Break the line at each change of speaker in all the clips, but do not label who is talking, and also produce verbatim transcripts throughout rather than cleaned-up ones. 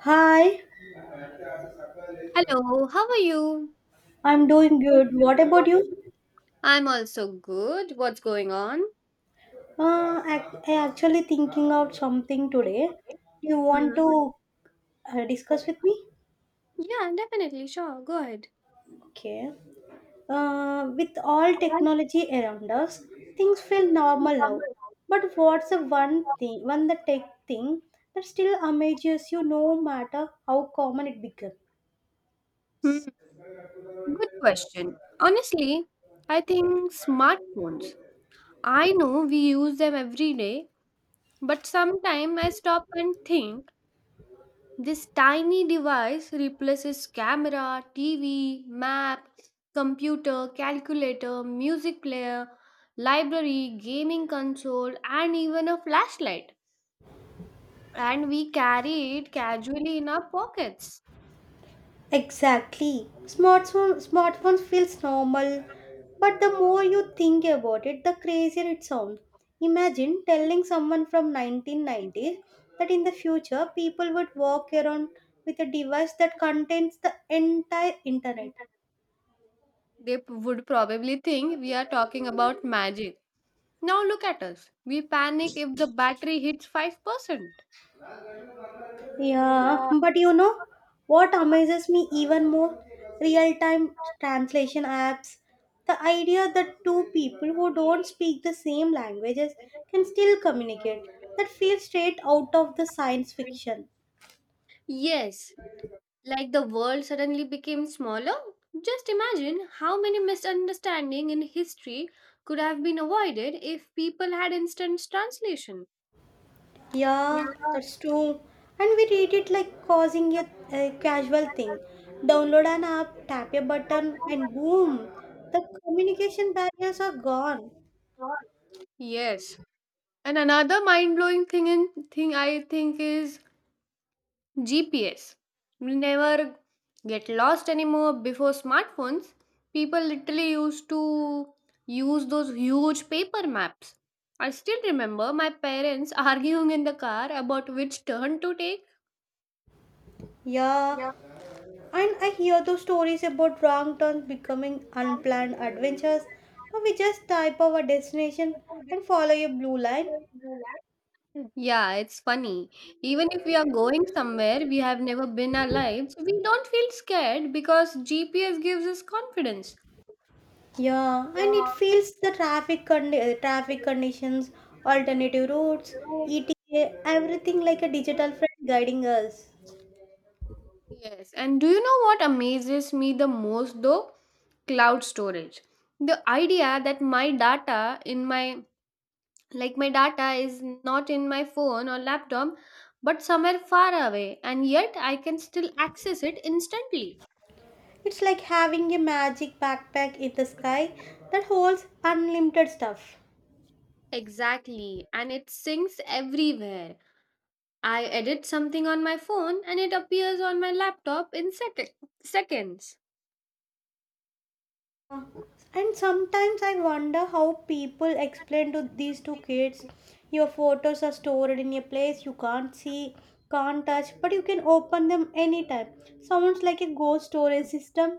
Hi,
Hello, how are you?
I'm doing
So,
good. What about you?
I'm also good. What's going on?
Uh, ac- I actually thinking out something today. You want
Hmm.
to uh, discuss with me?
Yeah, definitely. Sure. Go ahead.
Okay. Uh, with all technology around us, things feel normal now. But what's the one thing, one the tech thing that still amazes you no matter how common it became?
Hmm. Good question. Honestly, I think smartphones. I know we use them every day, but sometimes I stop and think. This tiny device replaces camera, T V, map, computer, calculator, music player, library, gaming console, and even a flashlight. And we carry it casually in our pockets.
Exactly. Smartphone, smartphones feels normal, but the more you think about it, the crazier it sounds. Imagine telling someone from nineteen nineties that in the future people would walk around with a device that contains the entire internet.
They p- would probably think we are talking about magic. Now look at us. We panic if the battery hits five percent.
Yeah,
Yeah.
but you know what amazes me even more? Real time translation apps. The idea that two people who don't speak the same languages can still communicate. That feels straight out of the science fiction.
Yes, like the world suddenly became smaller. Just imagine how many misunderstandings in history could have been avoided if people had instant translation.
Yeah,
Yeah.
that's true. And we read it like causing a, a casual thing. Download an app, tap a button, and boom, the communication barriers are gone.
Yes. And another mind blowing thing in, thing I think is G P S. We never get lost anymore. Before smartphones, people literally used to use those huge paper maps. I still remember my parents arguing in the car about which turn to take.
Yeah, and I hear those stories about wrong turns becoming unplanned adventures, but we just type our destination and follow a blue line.
Yeah, it's funny. Even if we are going somewhere we have never been our lives, we don't feel scared because G P S gives us confidence.
Yeah, and it feels the traffic condi- uh, traffic conditions, alternative routes, E T A, everything like a digital friend guiding us.
Yes, and do you know what amazes me the most though? Cloud storage. The idea that my data in my like my data is not in my phone or laptop but somewhere far away, and yet I can still access it instantly.
It's like having a magic backpack in the sky that holds unlimited stuff.
Exactly, and it syncs everywhere. I edit something on my phone and it appears on my laptop in sec- seconds.
And sometimes I wonder how people explain to these two kids your photos are stored in a place you can't see, can't touch, but you can open them anytime. Sounds like a ghost storage system.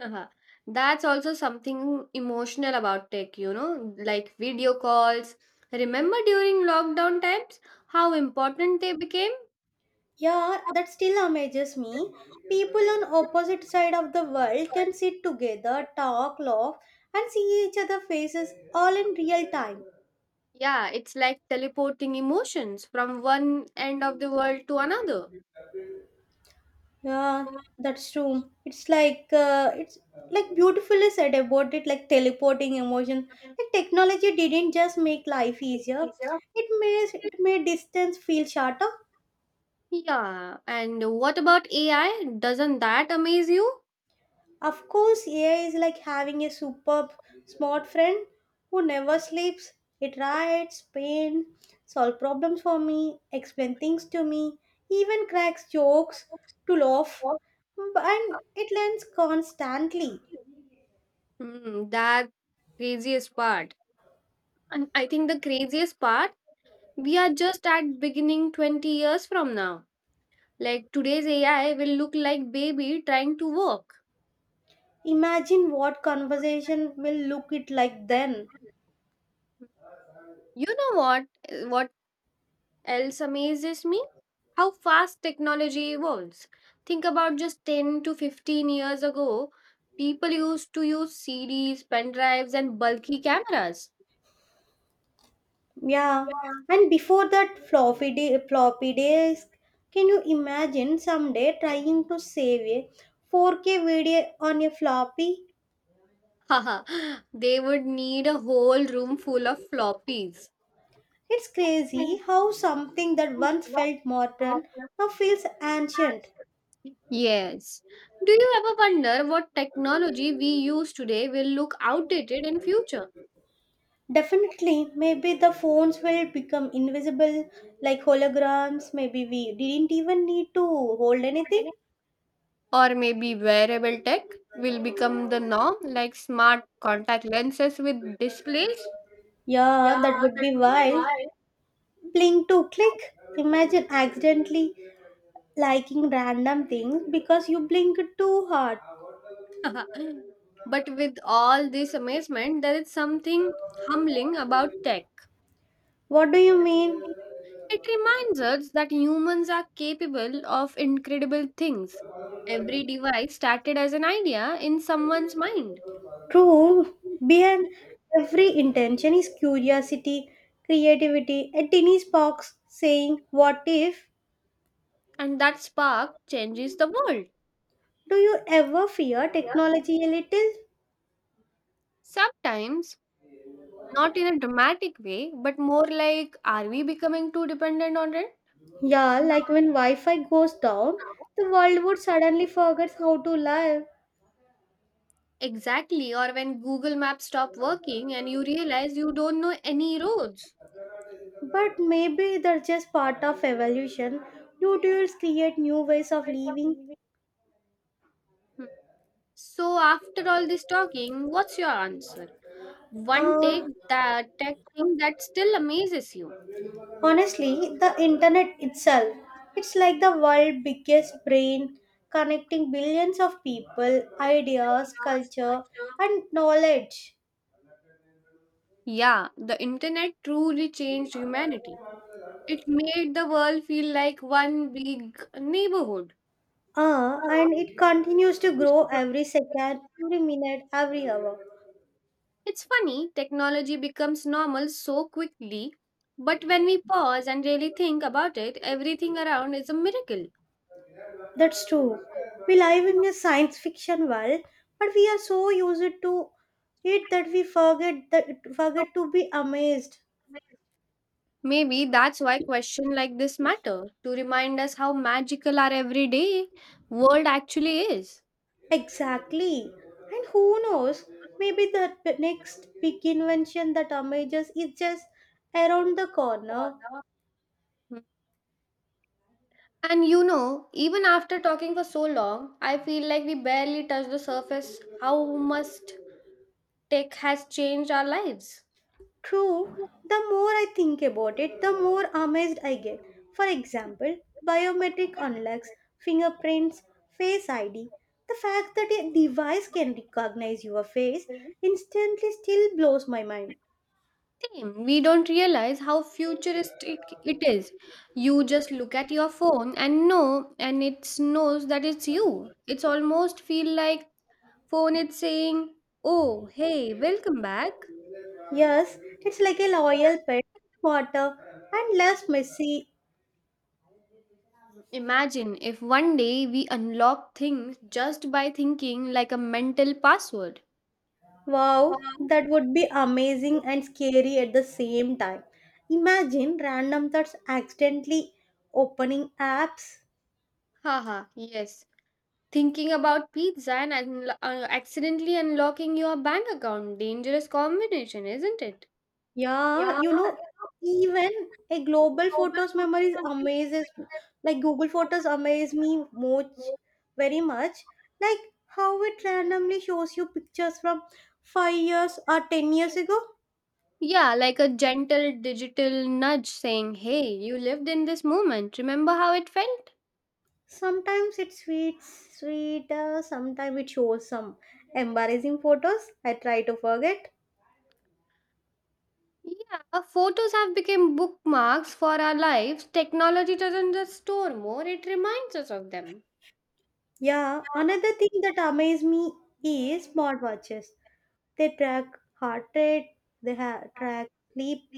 Uh-huh. That's also something emotional about tech, you know, like video calls. Remember during lockdown times how important they became?
Yeah, that still amazes me. People on opposite side of the world can sit together, talk, laugh, and see each other faces all in real time.
Yeah, it's like teleporting emotions from one end of the world to another.
Yeah, that's true. It's like uh, it's like beautifully said about it, like teleporting emotion. Like technology didn't just make life easier; it made it made distance feel shorter.
Yeah, and what about A I? Doesn't that amaze you?
Of course, A I is like having a superb smart friend who never sleeps. It writes, paints, solves problems for me, explains things to me, even cracks jokes to laugh, and it learns constantly.
Hmm, that craziest part. And I think the craziest part, we are just at beginning, twenty years from now. Like today's A I will look like baby trying to walk.
Imagine what conversation will look it like then.
You know what what else amazes me? How fast technology evolves. Think about just ten to fifteen years ago, people used to use C Ds, pen drives and bulky cameras.
Yeah.
Yeah.
And before that floppy di- floppy disk, can you imagine someday trying to save a four K video on a floppy?
Haha, they would need a whole room full of floppies.
It's crazy how something that once felt modern now feels ancient.
Yes. Do you ever wonder what technology we use today will look outdated in future?
Definitely, maybe the phones will become invisible like holograms. Maybe we didn't even need to hold anything.
Or maybe wearable tech will become the norm like smart contact lenses with displays?
Yeah, that would be wild. Blink to click. Imagine accidentally liking random things because you blink too hard.
But with all this amazement there is something humbling about tech.
What do you mean?
It reminds us that humans are capable of incredible things. Every device started as an idea in someone's mind,
True. Behind every intention is curiosity, creativity, a tiny spark saying, "What if?"
and that spark changes the world.
Do you ever fear
Yeah.
technology a little?
Sometimes, not in a dramatic way, but more like, are we becoming too dependent on it?
Yeah,
Yeah.
like when Wi Fi goes down, the world would suddenly forget how to live.
Exactly, or when Google Maps stop working and you realize you don't know any roads.
But maybe they're just part of evolution. New tools create new ways of living.
Hmm. So after all this talking, what's your answer? One take
Uh,
that tech thing that still amazes you.
Honestly, the internet itself, it's like the world's biggest brain, connecting billions of people, ideas, culture, and knowledge.
Yeah, the internet truly changed humanity. It made the world feel like one big neighborhood.
Uh, and it continues to grow every second, every minute, every hour.
It's funny, technology becomes normal so quickly, but when we pause and really think about it, everything around is a miracle.
That's true. We live in a science fiction world, but we are so used to it that we forget that forget to be amazed.
Maybe that's why questions like this matter, to remind us how magical our everyday world actually is.
Exactly. And who knows? Maybe the next big invention that amazes is just around the corner.
Yeah. And you know, even after talking for so long, I feel like we barely touched the surface how much tech has changed our lives.
True, the more I think about it, the more amazed I get. For example, biometric unlocks, fingerprints, face I D. The fact that a device can recognize your face instantly still blows my mind.
Same. We don't realize how futuristic it is. You just look at your phone and know, and it knows that it's you. It's almost feel like phone is saying, "Oh, hey, welcome back."
Yes, it's like a loyal pet, smarter and less messy.
Imagine if one day we unlock things just by thinking, like a mental password.
Wow, that would be amazing and scary at the same time. Imagine random thoughts accidentally opening apps.
Haha, yes. Thinking about pizza and unlo- uh, accidentally unlocking your bank account. Dangerous combination, isn't it?
Yeah, you know, even a global photos memories amazes me. Like Google Photos amaze me much, very much. Like how it randomly shows you pictures from five years or ten years ago.
Yeah, like a gentle digital nudge saying, "Hey, you lived in this moment. Remember how it felt?"
Sometimes it's sweet, sweet. Uh, sometimes it shows some embarrassing photos. I try to forget.
Yeah, our photos have become bookmarks for our lives. Technology doesn't just store more, it reminds us of them.
Yeah, another thing that amazes me is smartwatches. They track heart rate. They ha- track sleep.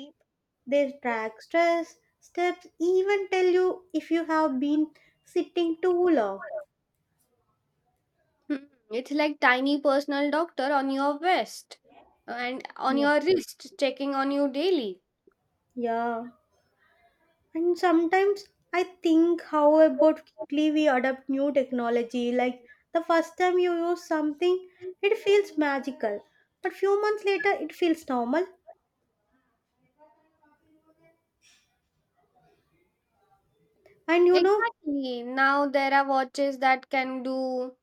They track stress, steps, even tell you if you have been sitting too long.
Hmm, it's like tiny personal doctor on your vest and on
Yeah.
your wrist, checking on you daily.
Yeah. And sometimes I think how about quickly we adopt new technology. Like the first time you use something, it feels magical. But few months later it feels normal. And you know,
Exactly. Now there are watches that can do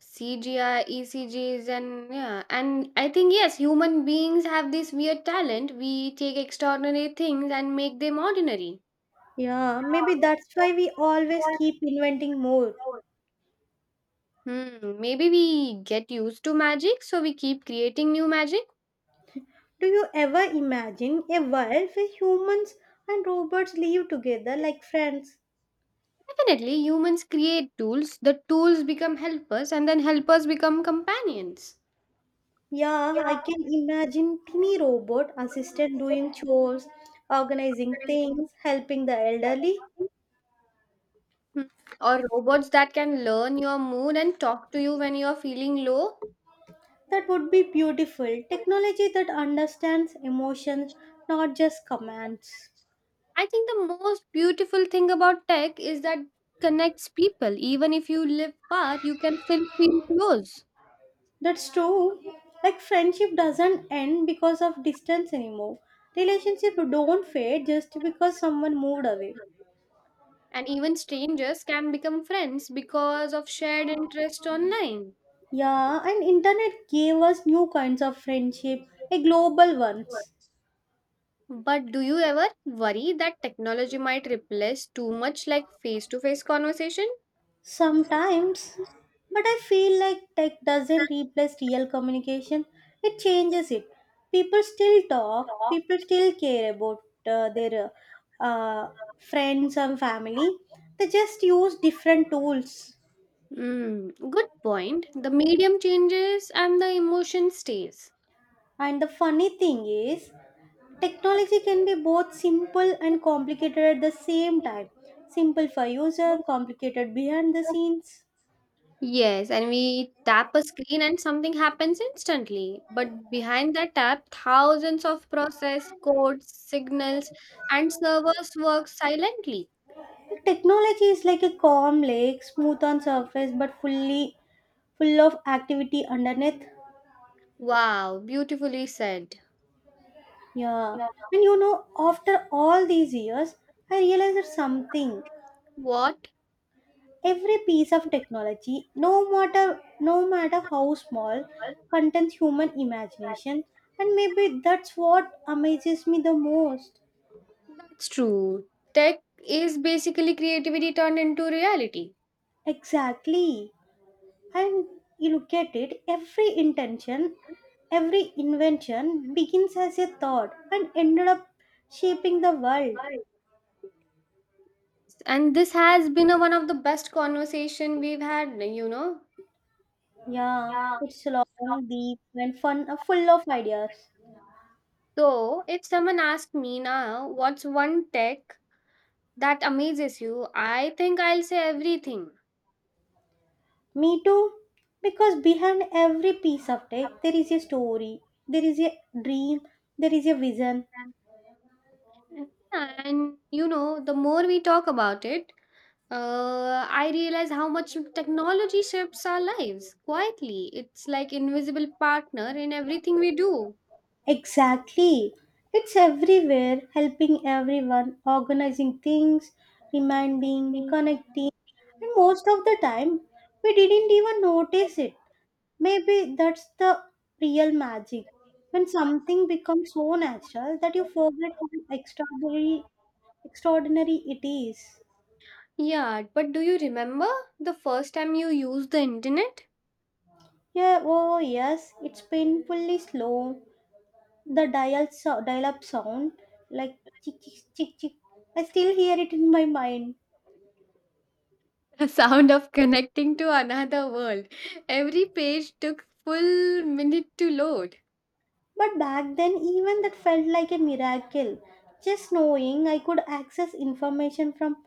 C G I E C Gs, and yeah, and I think yes, human beings have this weird talent. We take extraordinary things and make them ordinary.
yeah, maybe that's why we always keep inventing more.
Hmm, maybe we get used to magic, so we keep creating new magic.
Do you ever imagine a world where humans and robots live together like friends?
Definitely, humans create tools. The tools become helpers, and then helpers become companions.
Yeah, I can imagine tiny robot assistant doing chores, organizing things, helping the elderly.
Hmm. Or robots that can learn your mood and talk to you when you're feeling low.
That would be beautiful. Technology that understands emotions, not just commands.
I think the most beautiful thing about tech is that connects people. Even if you live far, you can still feel close.
That's true. Like friendship doesn't end because of distance anymore. Relationship don't fade just because someone moved away.
And even strangers can become friends because of shared interest online.
Yeah, and internet gave us new kinds of friendship, a global ones.
But do you ever worry that technology might replace too much, like face to face conversation?
Sometimes, but I feel like tech doesn't replace real communication, it changes it. People still talk, people still care about uh, their uh, friends and family, they just use different tools.
Mm, good point. The medium changes and the emotion stays.
And the funny thing is, technology can be both simple and complicated at the same time. Simple for user, complicated behind the scenes.
Yes, and we tap a screen and something happens instantly. But behind that tap, thousands of process, codes, signals, and servers work silently.
Technology is like a calm lake, smooth on surface but fully full of activity underneath.
Wow, beautifully said.
Yeah. And you know, after all these years, I realized something.
What?
Every piece of technology, no matter no matter how small, contains human imagination. And maybe that's what amazes me the most.
That's true. Tech is basically creativity turned into reality.
Exactly. And you look at it, every intention, every invention begins as a thought and ended up shaping the world.
And this has been a, one of the best conversation we've had, you know.
Yeah, it's long, deep, and fun, uh, full of ideas.
So, if someone asked me now, what's one tech that amazes you? I think I'll say everything.
Me too, because behind every piece of tech, there is a story, there is a dream, there is a vision.
And you know, the more we talk about it, uh, I realize how much technology shapes our lives quietly. It's like invisible partner in everything we do.
Exactly. It's everywhere, helping everyone, organizing things, reminding, connecting, and most of the time, we didn't even notice it. Maybe that's the real magic. When something becomes so natural that you forget how extraordinary extraordinary it is.
Yeah, but do you remember the first time you used the internet?
Yeah, oh yes, it's painfully slow. The dial so- dial up sound like chick chick chick chick. I still hear it in my mind.
The sound of connecting to another world. Every page took full minute to load.
But back then even that felt like a miracle. Just knowing I could access information from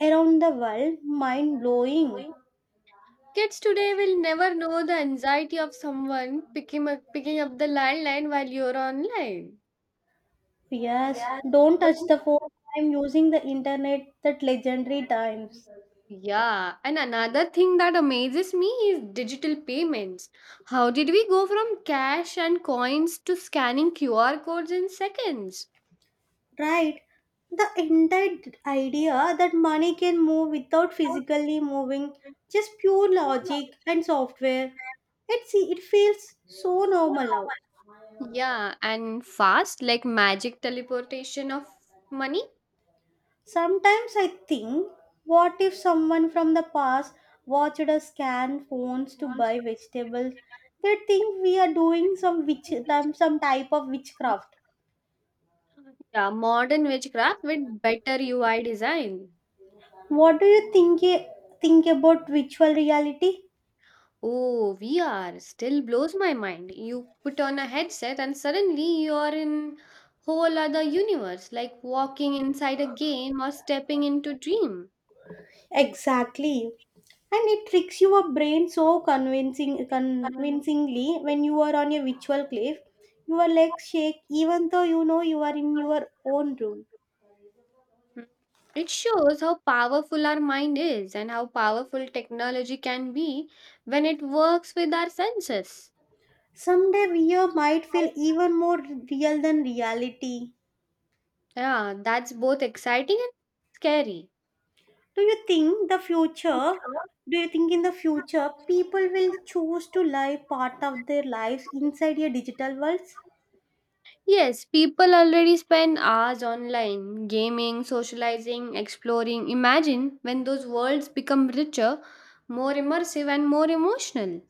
around the world, mind blowing.
Kids today will never know the anxiety of someone picking up, picking up the landline while you're online.
Yes, don't touch the phone. I'm using the internet that legendary times.
Yeah, and another thing that amazes me is digital payments. How did we go from cash and coins to scanning Q R codes in seconds?
Right. The entire d- idea that money can move without physically moving, just pure logic and software. It's, it feels so normal now.
Yeah, and fast, like magic teleportation of money.
Sometimes I think, what if someone from the past watched us scan phones to buy vegetables? They think we are doing some witch, some type of witchcraft.
Yeah, modern witchcraft with better U I design.
What do you think think about virtual reality?
Oh, V R still blows my mind. You put on a headset and suddenly you are in whole other universe, like walking inside a game or stepping into dream.
Exactly. And it tricks your brain so convincing convincingly when you are on a virtual cliff. Your legs shake even though you know you are in your own room.
It shows how powerful our mind is, and how powerful technology can be when it works with our senses.
Someday V R might feel even more real than reality.
Yeah, that's both exciting and scary.
Do you think the future do you think in the future people will choose to live part of their lives inside a digital world?
Yes, people already spend hours online gaming, socializing, exploring. Imagine when those worlds become richer, more immersive, and more emotional.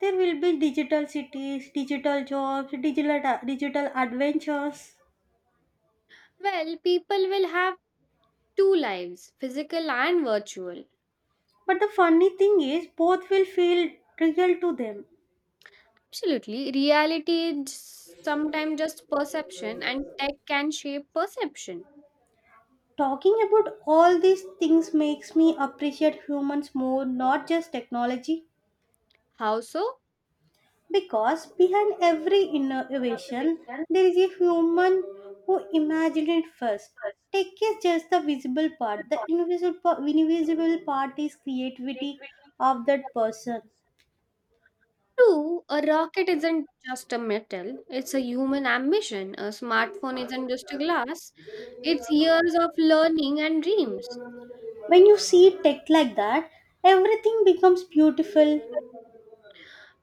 There will be digital cities, digital jobs, digital digital adventures.
Well, people will have two lives, physical and virtual.
But the funny thing is both will feel trivial to them.
Absolutely. Reality is sometimes just perception, and tech can shape perception.
Talking about all these things makes me appreciate humans more, not just technology.
How so?
Because behind every innovation, there is a human who imagined it first. Tech is just the visible part. The invisible, pa- invisible part is creativity of that person.
Two, a rocket isn't just a metal, it's a human ambition. A smartphone isn't just a glass, it's years of learning and dreams.
When you see tech like that, everything becomes beautiful.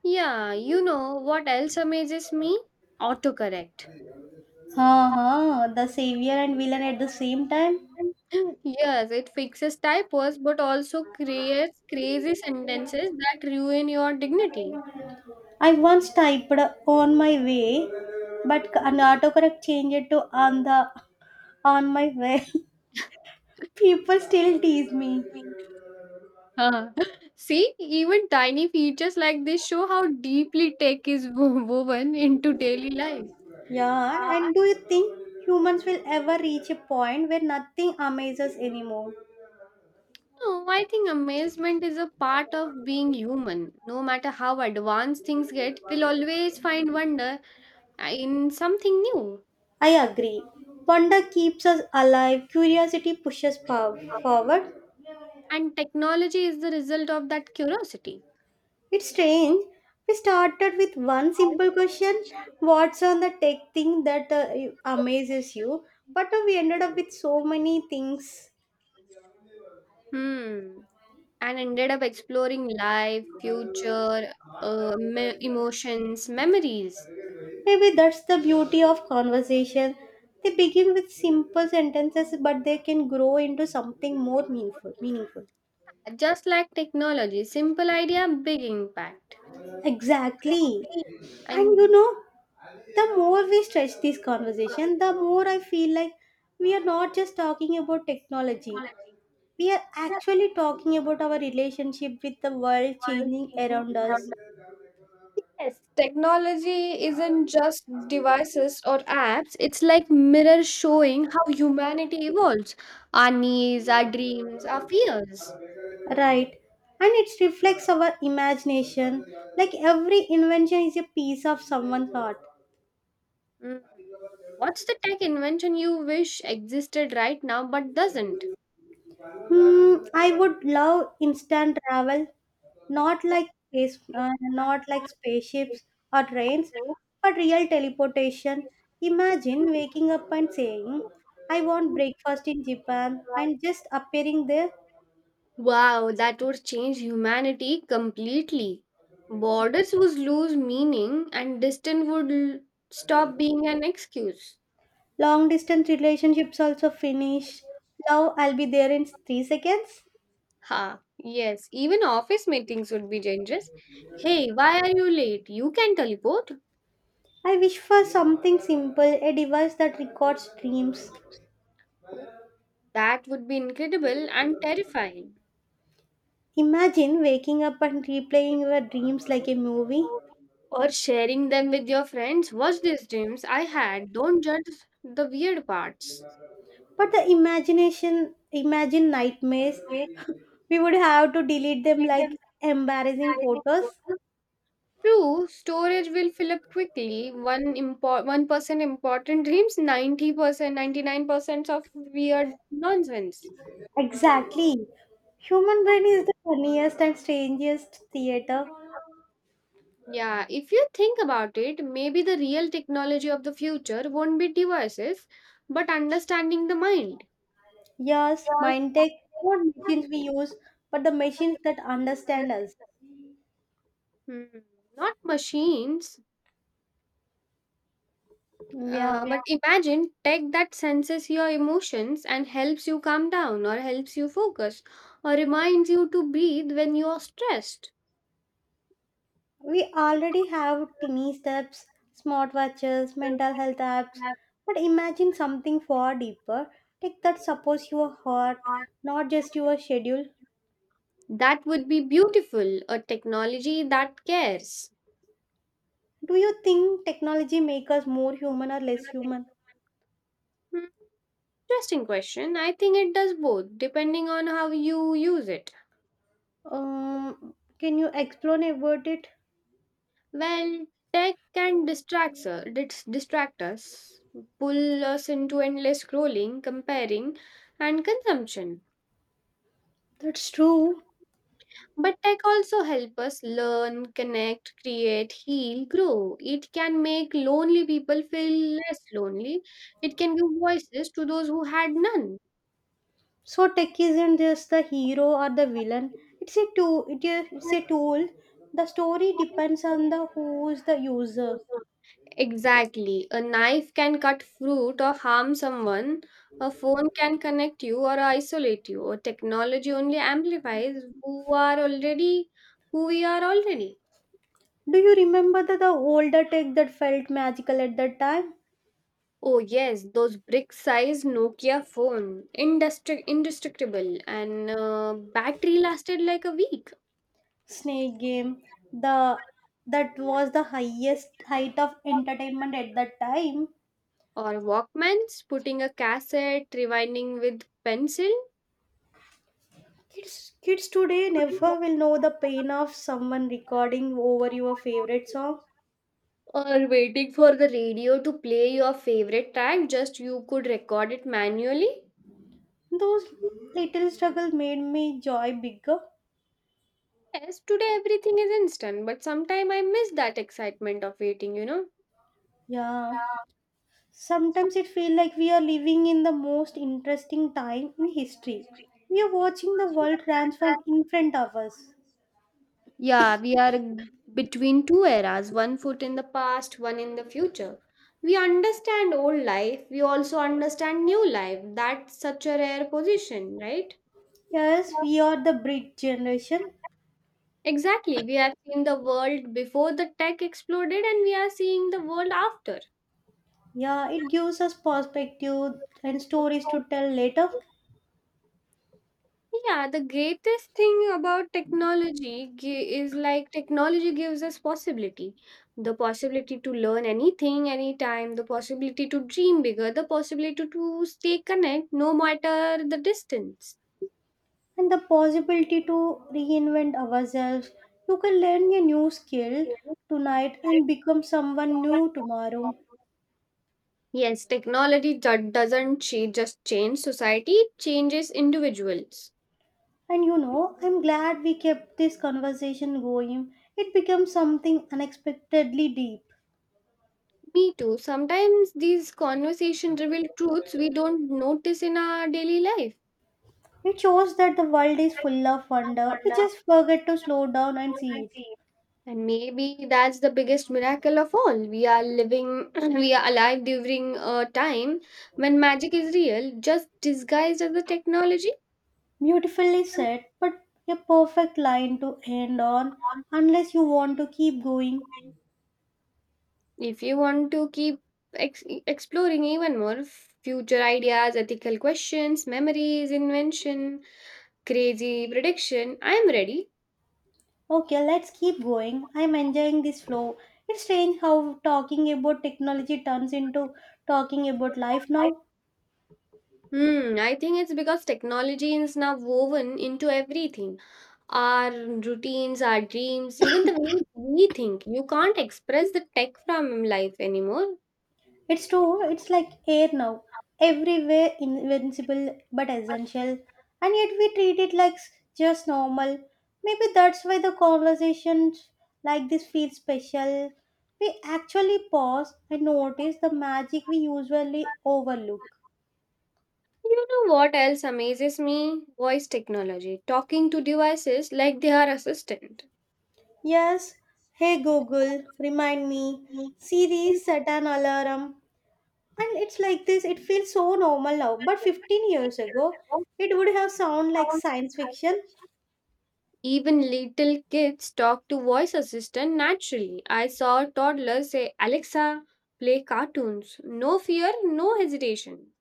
Yeah, you know what else amazes me? Autocorrect.
Ha ha, the savior and villain at the same time.
Yes, it fixes typos but also creates crazy sentences that ruin your dignity.
I once typed on my way, but an autocorrect changed it to on the on my way. People still tease me.
Huh. See, even tiny features like this show how deeply tech is wo- woven into daily life.
Yeah, and do you think humans will ever reach a point where nothing amazes anymore?
No, I think amazement is a part of being human. No matter how advanced things get, we'll always find wonder in something new.
I agree. Wonder keeps us alive, curiosity pushes pow- forward.
And technology is the result of that curiosity.
It's strange. We started with one simple question: what's on the tech thing that uh, you- amazes you? But uh, we ended up with so many things.
Hmm. And ended up exploring life, future, uh, me- emotions, memories.
Maybe that's the beauty of conversation. They begin with simple sentences, but they can grow into something more meaningful. Meaningful.
Just like technology, simple idea, big impact.
Exactly. And you
And.
know, the more we stretch this conversation, the more I feel like we are not just talking about technology. We are actually talking about our relationship with the world changing around us,
Yes, technology isn't just devices or apps, it's like mirror showing how humanity evolves, our needs, our dreams, our fears.
right? And it reflects our imagination. Like every invention is a piece of someone's art.
Mm. What's the tech invention you wish existed right now but doesn't?
Hmm, I would love instant travel, not like space, uh, not like spaceships or trains, but real teleportation. Imagine waking up and saying, "I want breakfast in Japan," and just appearing there.
Wow, that would change humanity completely. Borders would lose meaning, and distance would l- stop being an excuse.
Long distance relationships also finish. Love, I'll be there in three seconds.
Ha, yes, even office meetings would be dangerous. Hey, why are you late? You can teleport.
I wish for something simple, a device that records dreams.
Oh, that would be incredible and terrifying.
Imagine waking up and replaying your dreams like a movie.
Or sharing them with your friends. Watch these dreams I had. Don't judge the weird parts.
But the imagination, imagine nightmares. we would have to delete them like embarrassing photos.
True, storage will fill up quickly. One impor one percent important dreams, ninety percent, ninety nine percent of weird nonsense.
Exactly. Human brain is the funniest and strangest theater.
Yeah, if you think about it, maybe the real technology of the future won't be devices, but understanding the mind.
Yes, mind tech, not machines we use, but the machines that understand us.
Hmm, not machines, uh, yeah.
Yeah,
But imagine tech that senses your emotions and helps you calm down, or helps you focus, or reminds you to breathe when you are stressed.
we already have tiny steps, smartwatches, mental health apps, but imagine something far deeper, tech that supports your heart, not just your schedule.
That would be beautiful, a technology that cares.
Do you think technology makes us more human or less human?
Hmm, interesting question. I think it does both, depending on how you use it.
Um, can you explain about it?
Well, tech can distract us, dis- distract us, pull us into endless scrolling, comparing, and consumption.
That's true.
But tech also help us learn, connect, create, heal, grow. It can make lonely people feel less lonely. It can give voices to those who had none.
So tech isn't just the hero or the villain. It's a tool. It is, it's a tool. The story depends on the who is the user.
Exactly. A knife can cut fruit or harm someone. A phone can connect you or isolate you. Or technology only amplifies who are already who we are already.
Do you remember the, the older tech that felt magical at that time?
Oh yes, those brick-sized Nokia phone, indestruct- indestructible, and uh, battery lasted like a week.
Snake game. The that was the highest height of entertainment at that time.
Or Walkmans, putting a cassette, rewinding with pencil.
Kids, kids today never will know the pain of someone recording over your favorite song.
Or waiting for the radio to play your favorite track, just you could record it manually.
Those little struggles made me joy bigger.
Yes, today everything is instant, but sometime I miss that excitement of waiting, you know.
Yeah. Sometimes it feels like we are living in the most interesting time in history. We are watching the world transform in front of us.
Yeah, we are between two eras, one foot in the past, one in the future. We understand old life, we also understand new life. That's such a rare position, right?
Yes, we are the bridge generation.
Exactly, we have seen the world before the tech exploded, and we are seeing the world after.
Yeah, it gives us perspective and stories to tell later
Yeah, the greatest thing about technology gi- is like technology gives us possibility. The possibility to learn anything, anytime, the possibility to dream bigger, the possibility to, to stay connected no matter the distance.
and the possibility to reinvent ourselves. You can learn a new skill tonight and become someone new tomorrow.
Yes, technology ju- doesn't cha- just change society, it changes individuals.
And you know, I'm glad we kept this conversation going. It becomes something unexpectedly deep.
Me too. Sometimes these conversations reveal truths we don't notice in our daily life.
It shows that the world is full of wonder. We just forget to slow down and see it.
And maybe that's the biggest miracle of all. We are living, we are alive during a time when magic is real, just disguised as a technology.
Beautifully said, but a perfect line to end on unless you want to keep going.
If you want to keep ex- exploring even more future ideas, ethical questions, memories, invention, crazy prediction, I am ready.
Okay, let's keep going. I'm enjoying this flow. It's strange how talking about technology turns into talking about life now.
Hmm, I think it's because technology is now woven into everything, our routines, our dreams, even the way we think. You can't express the tech from life anymore.
It's true, it's like air now. Everywhere invincible but essential, and yet we treat it like s- just normal. Maybe that's why the conversations like this feel special. We actually pause and notice the magic we usually overlook.
You know what else amazes me? Voice technology. Talking to devices like they are assistant.
Yes, Hey Google, remind me. Siri, set an alarm. And it's like this, it feels so normal now. But fifteen years ago, it would have sounded like science fiction.
Even little kids talk to voice assistant naturally. I saw toddlers say, Alexa, play cartoons. No fear, no hesitation.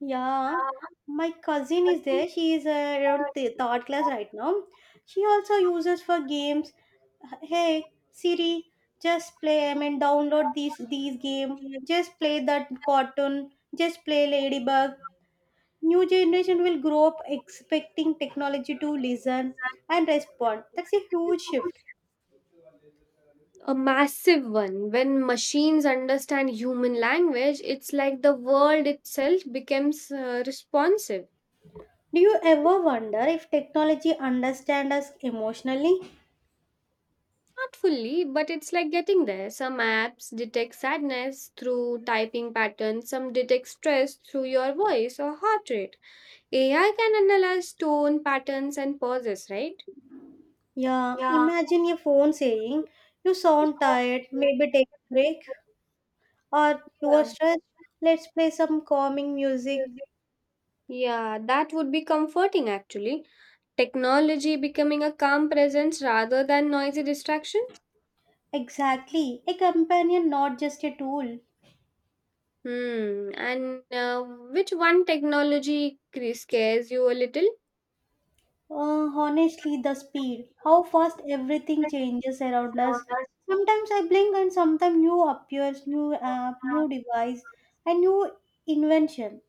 Yeah, my cousin is there. She is uh, around th- third class right now. She also uses for games. Hey Siri, just play. I mean, download these these game. Just play that cartoon. Just play Ladybug. New generation will grow up expecting technology to listen and respond. That's a huge shift.
A massive one. When machines understand human language, it's like the world itself becomes uh, responsive.
Do you ever wonder if technology understands us emotionally?
Not fully, but it's like getting there. Some apps detect sadness through typing patterns, some detect stress through your voice or heart rate. A I can analyze tone patterns and pauses, right?
Yeah, imagine your phone saying, "You sound tired, maybe take a break," or "you are
Yeah.
stressed, let's play some calming music."
Yeah, that would be comforting actually. Technology becoming a calm presence rather than noisy distraction.
Exactly, a companion, not just a tool.
Hmm. And uh, which one technology cre- scares you a little?
Uh, honestly, the speed, how fast everything changes around us. Sometimes I blink, and sometimes new appears, new app, new device, and new invention.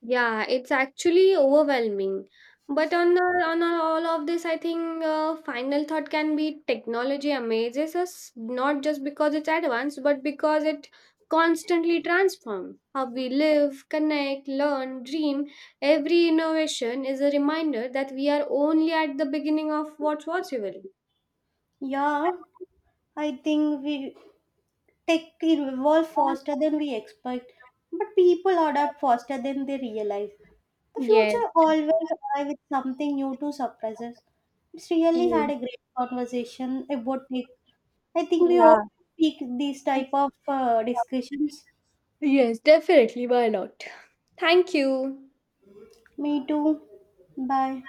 Yeah, it's actually overwhelming. But on the, on all of this, I think uh, final thought can be technology amazes us not just because it's advanced, but because it constantly transforms how we live, connect, learn, dream. Every innovation is a reminder that we are only at the beginning of what's possible.
Yeah, I think we Tech evolves faster than we expect, but people adapt faster than they realize. The
Yes.
future always arrives with something new to surprise us. It's really had
Yes.
a great conversation about tech. I think we
Yeah.
all speak these type of uh, discussions.
Yes, definitely. Why not? Thank you.
Me too. Bye.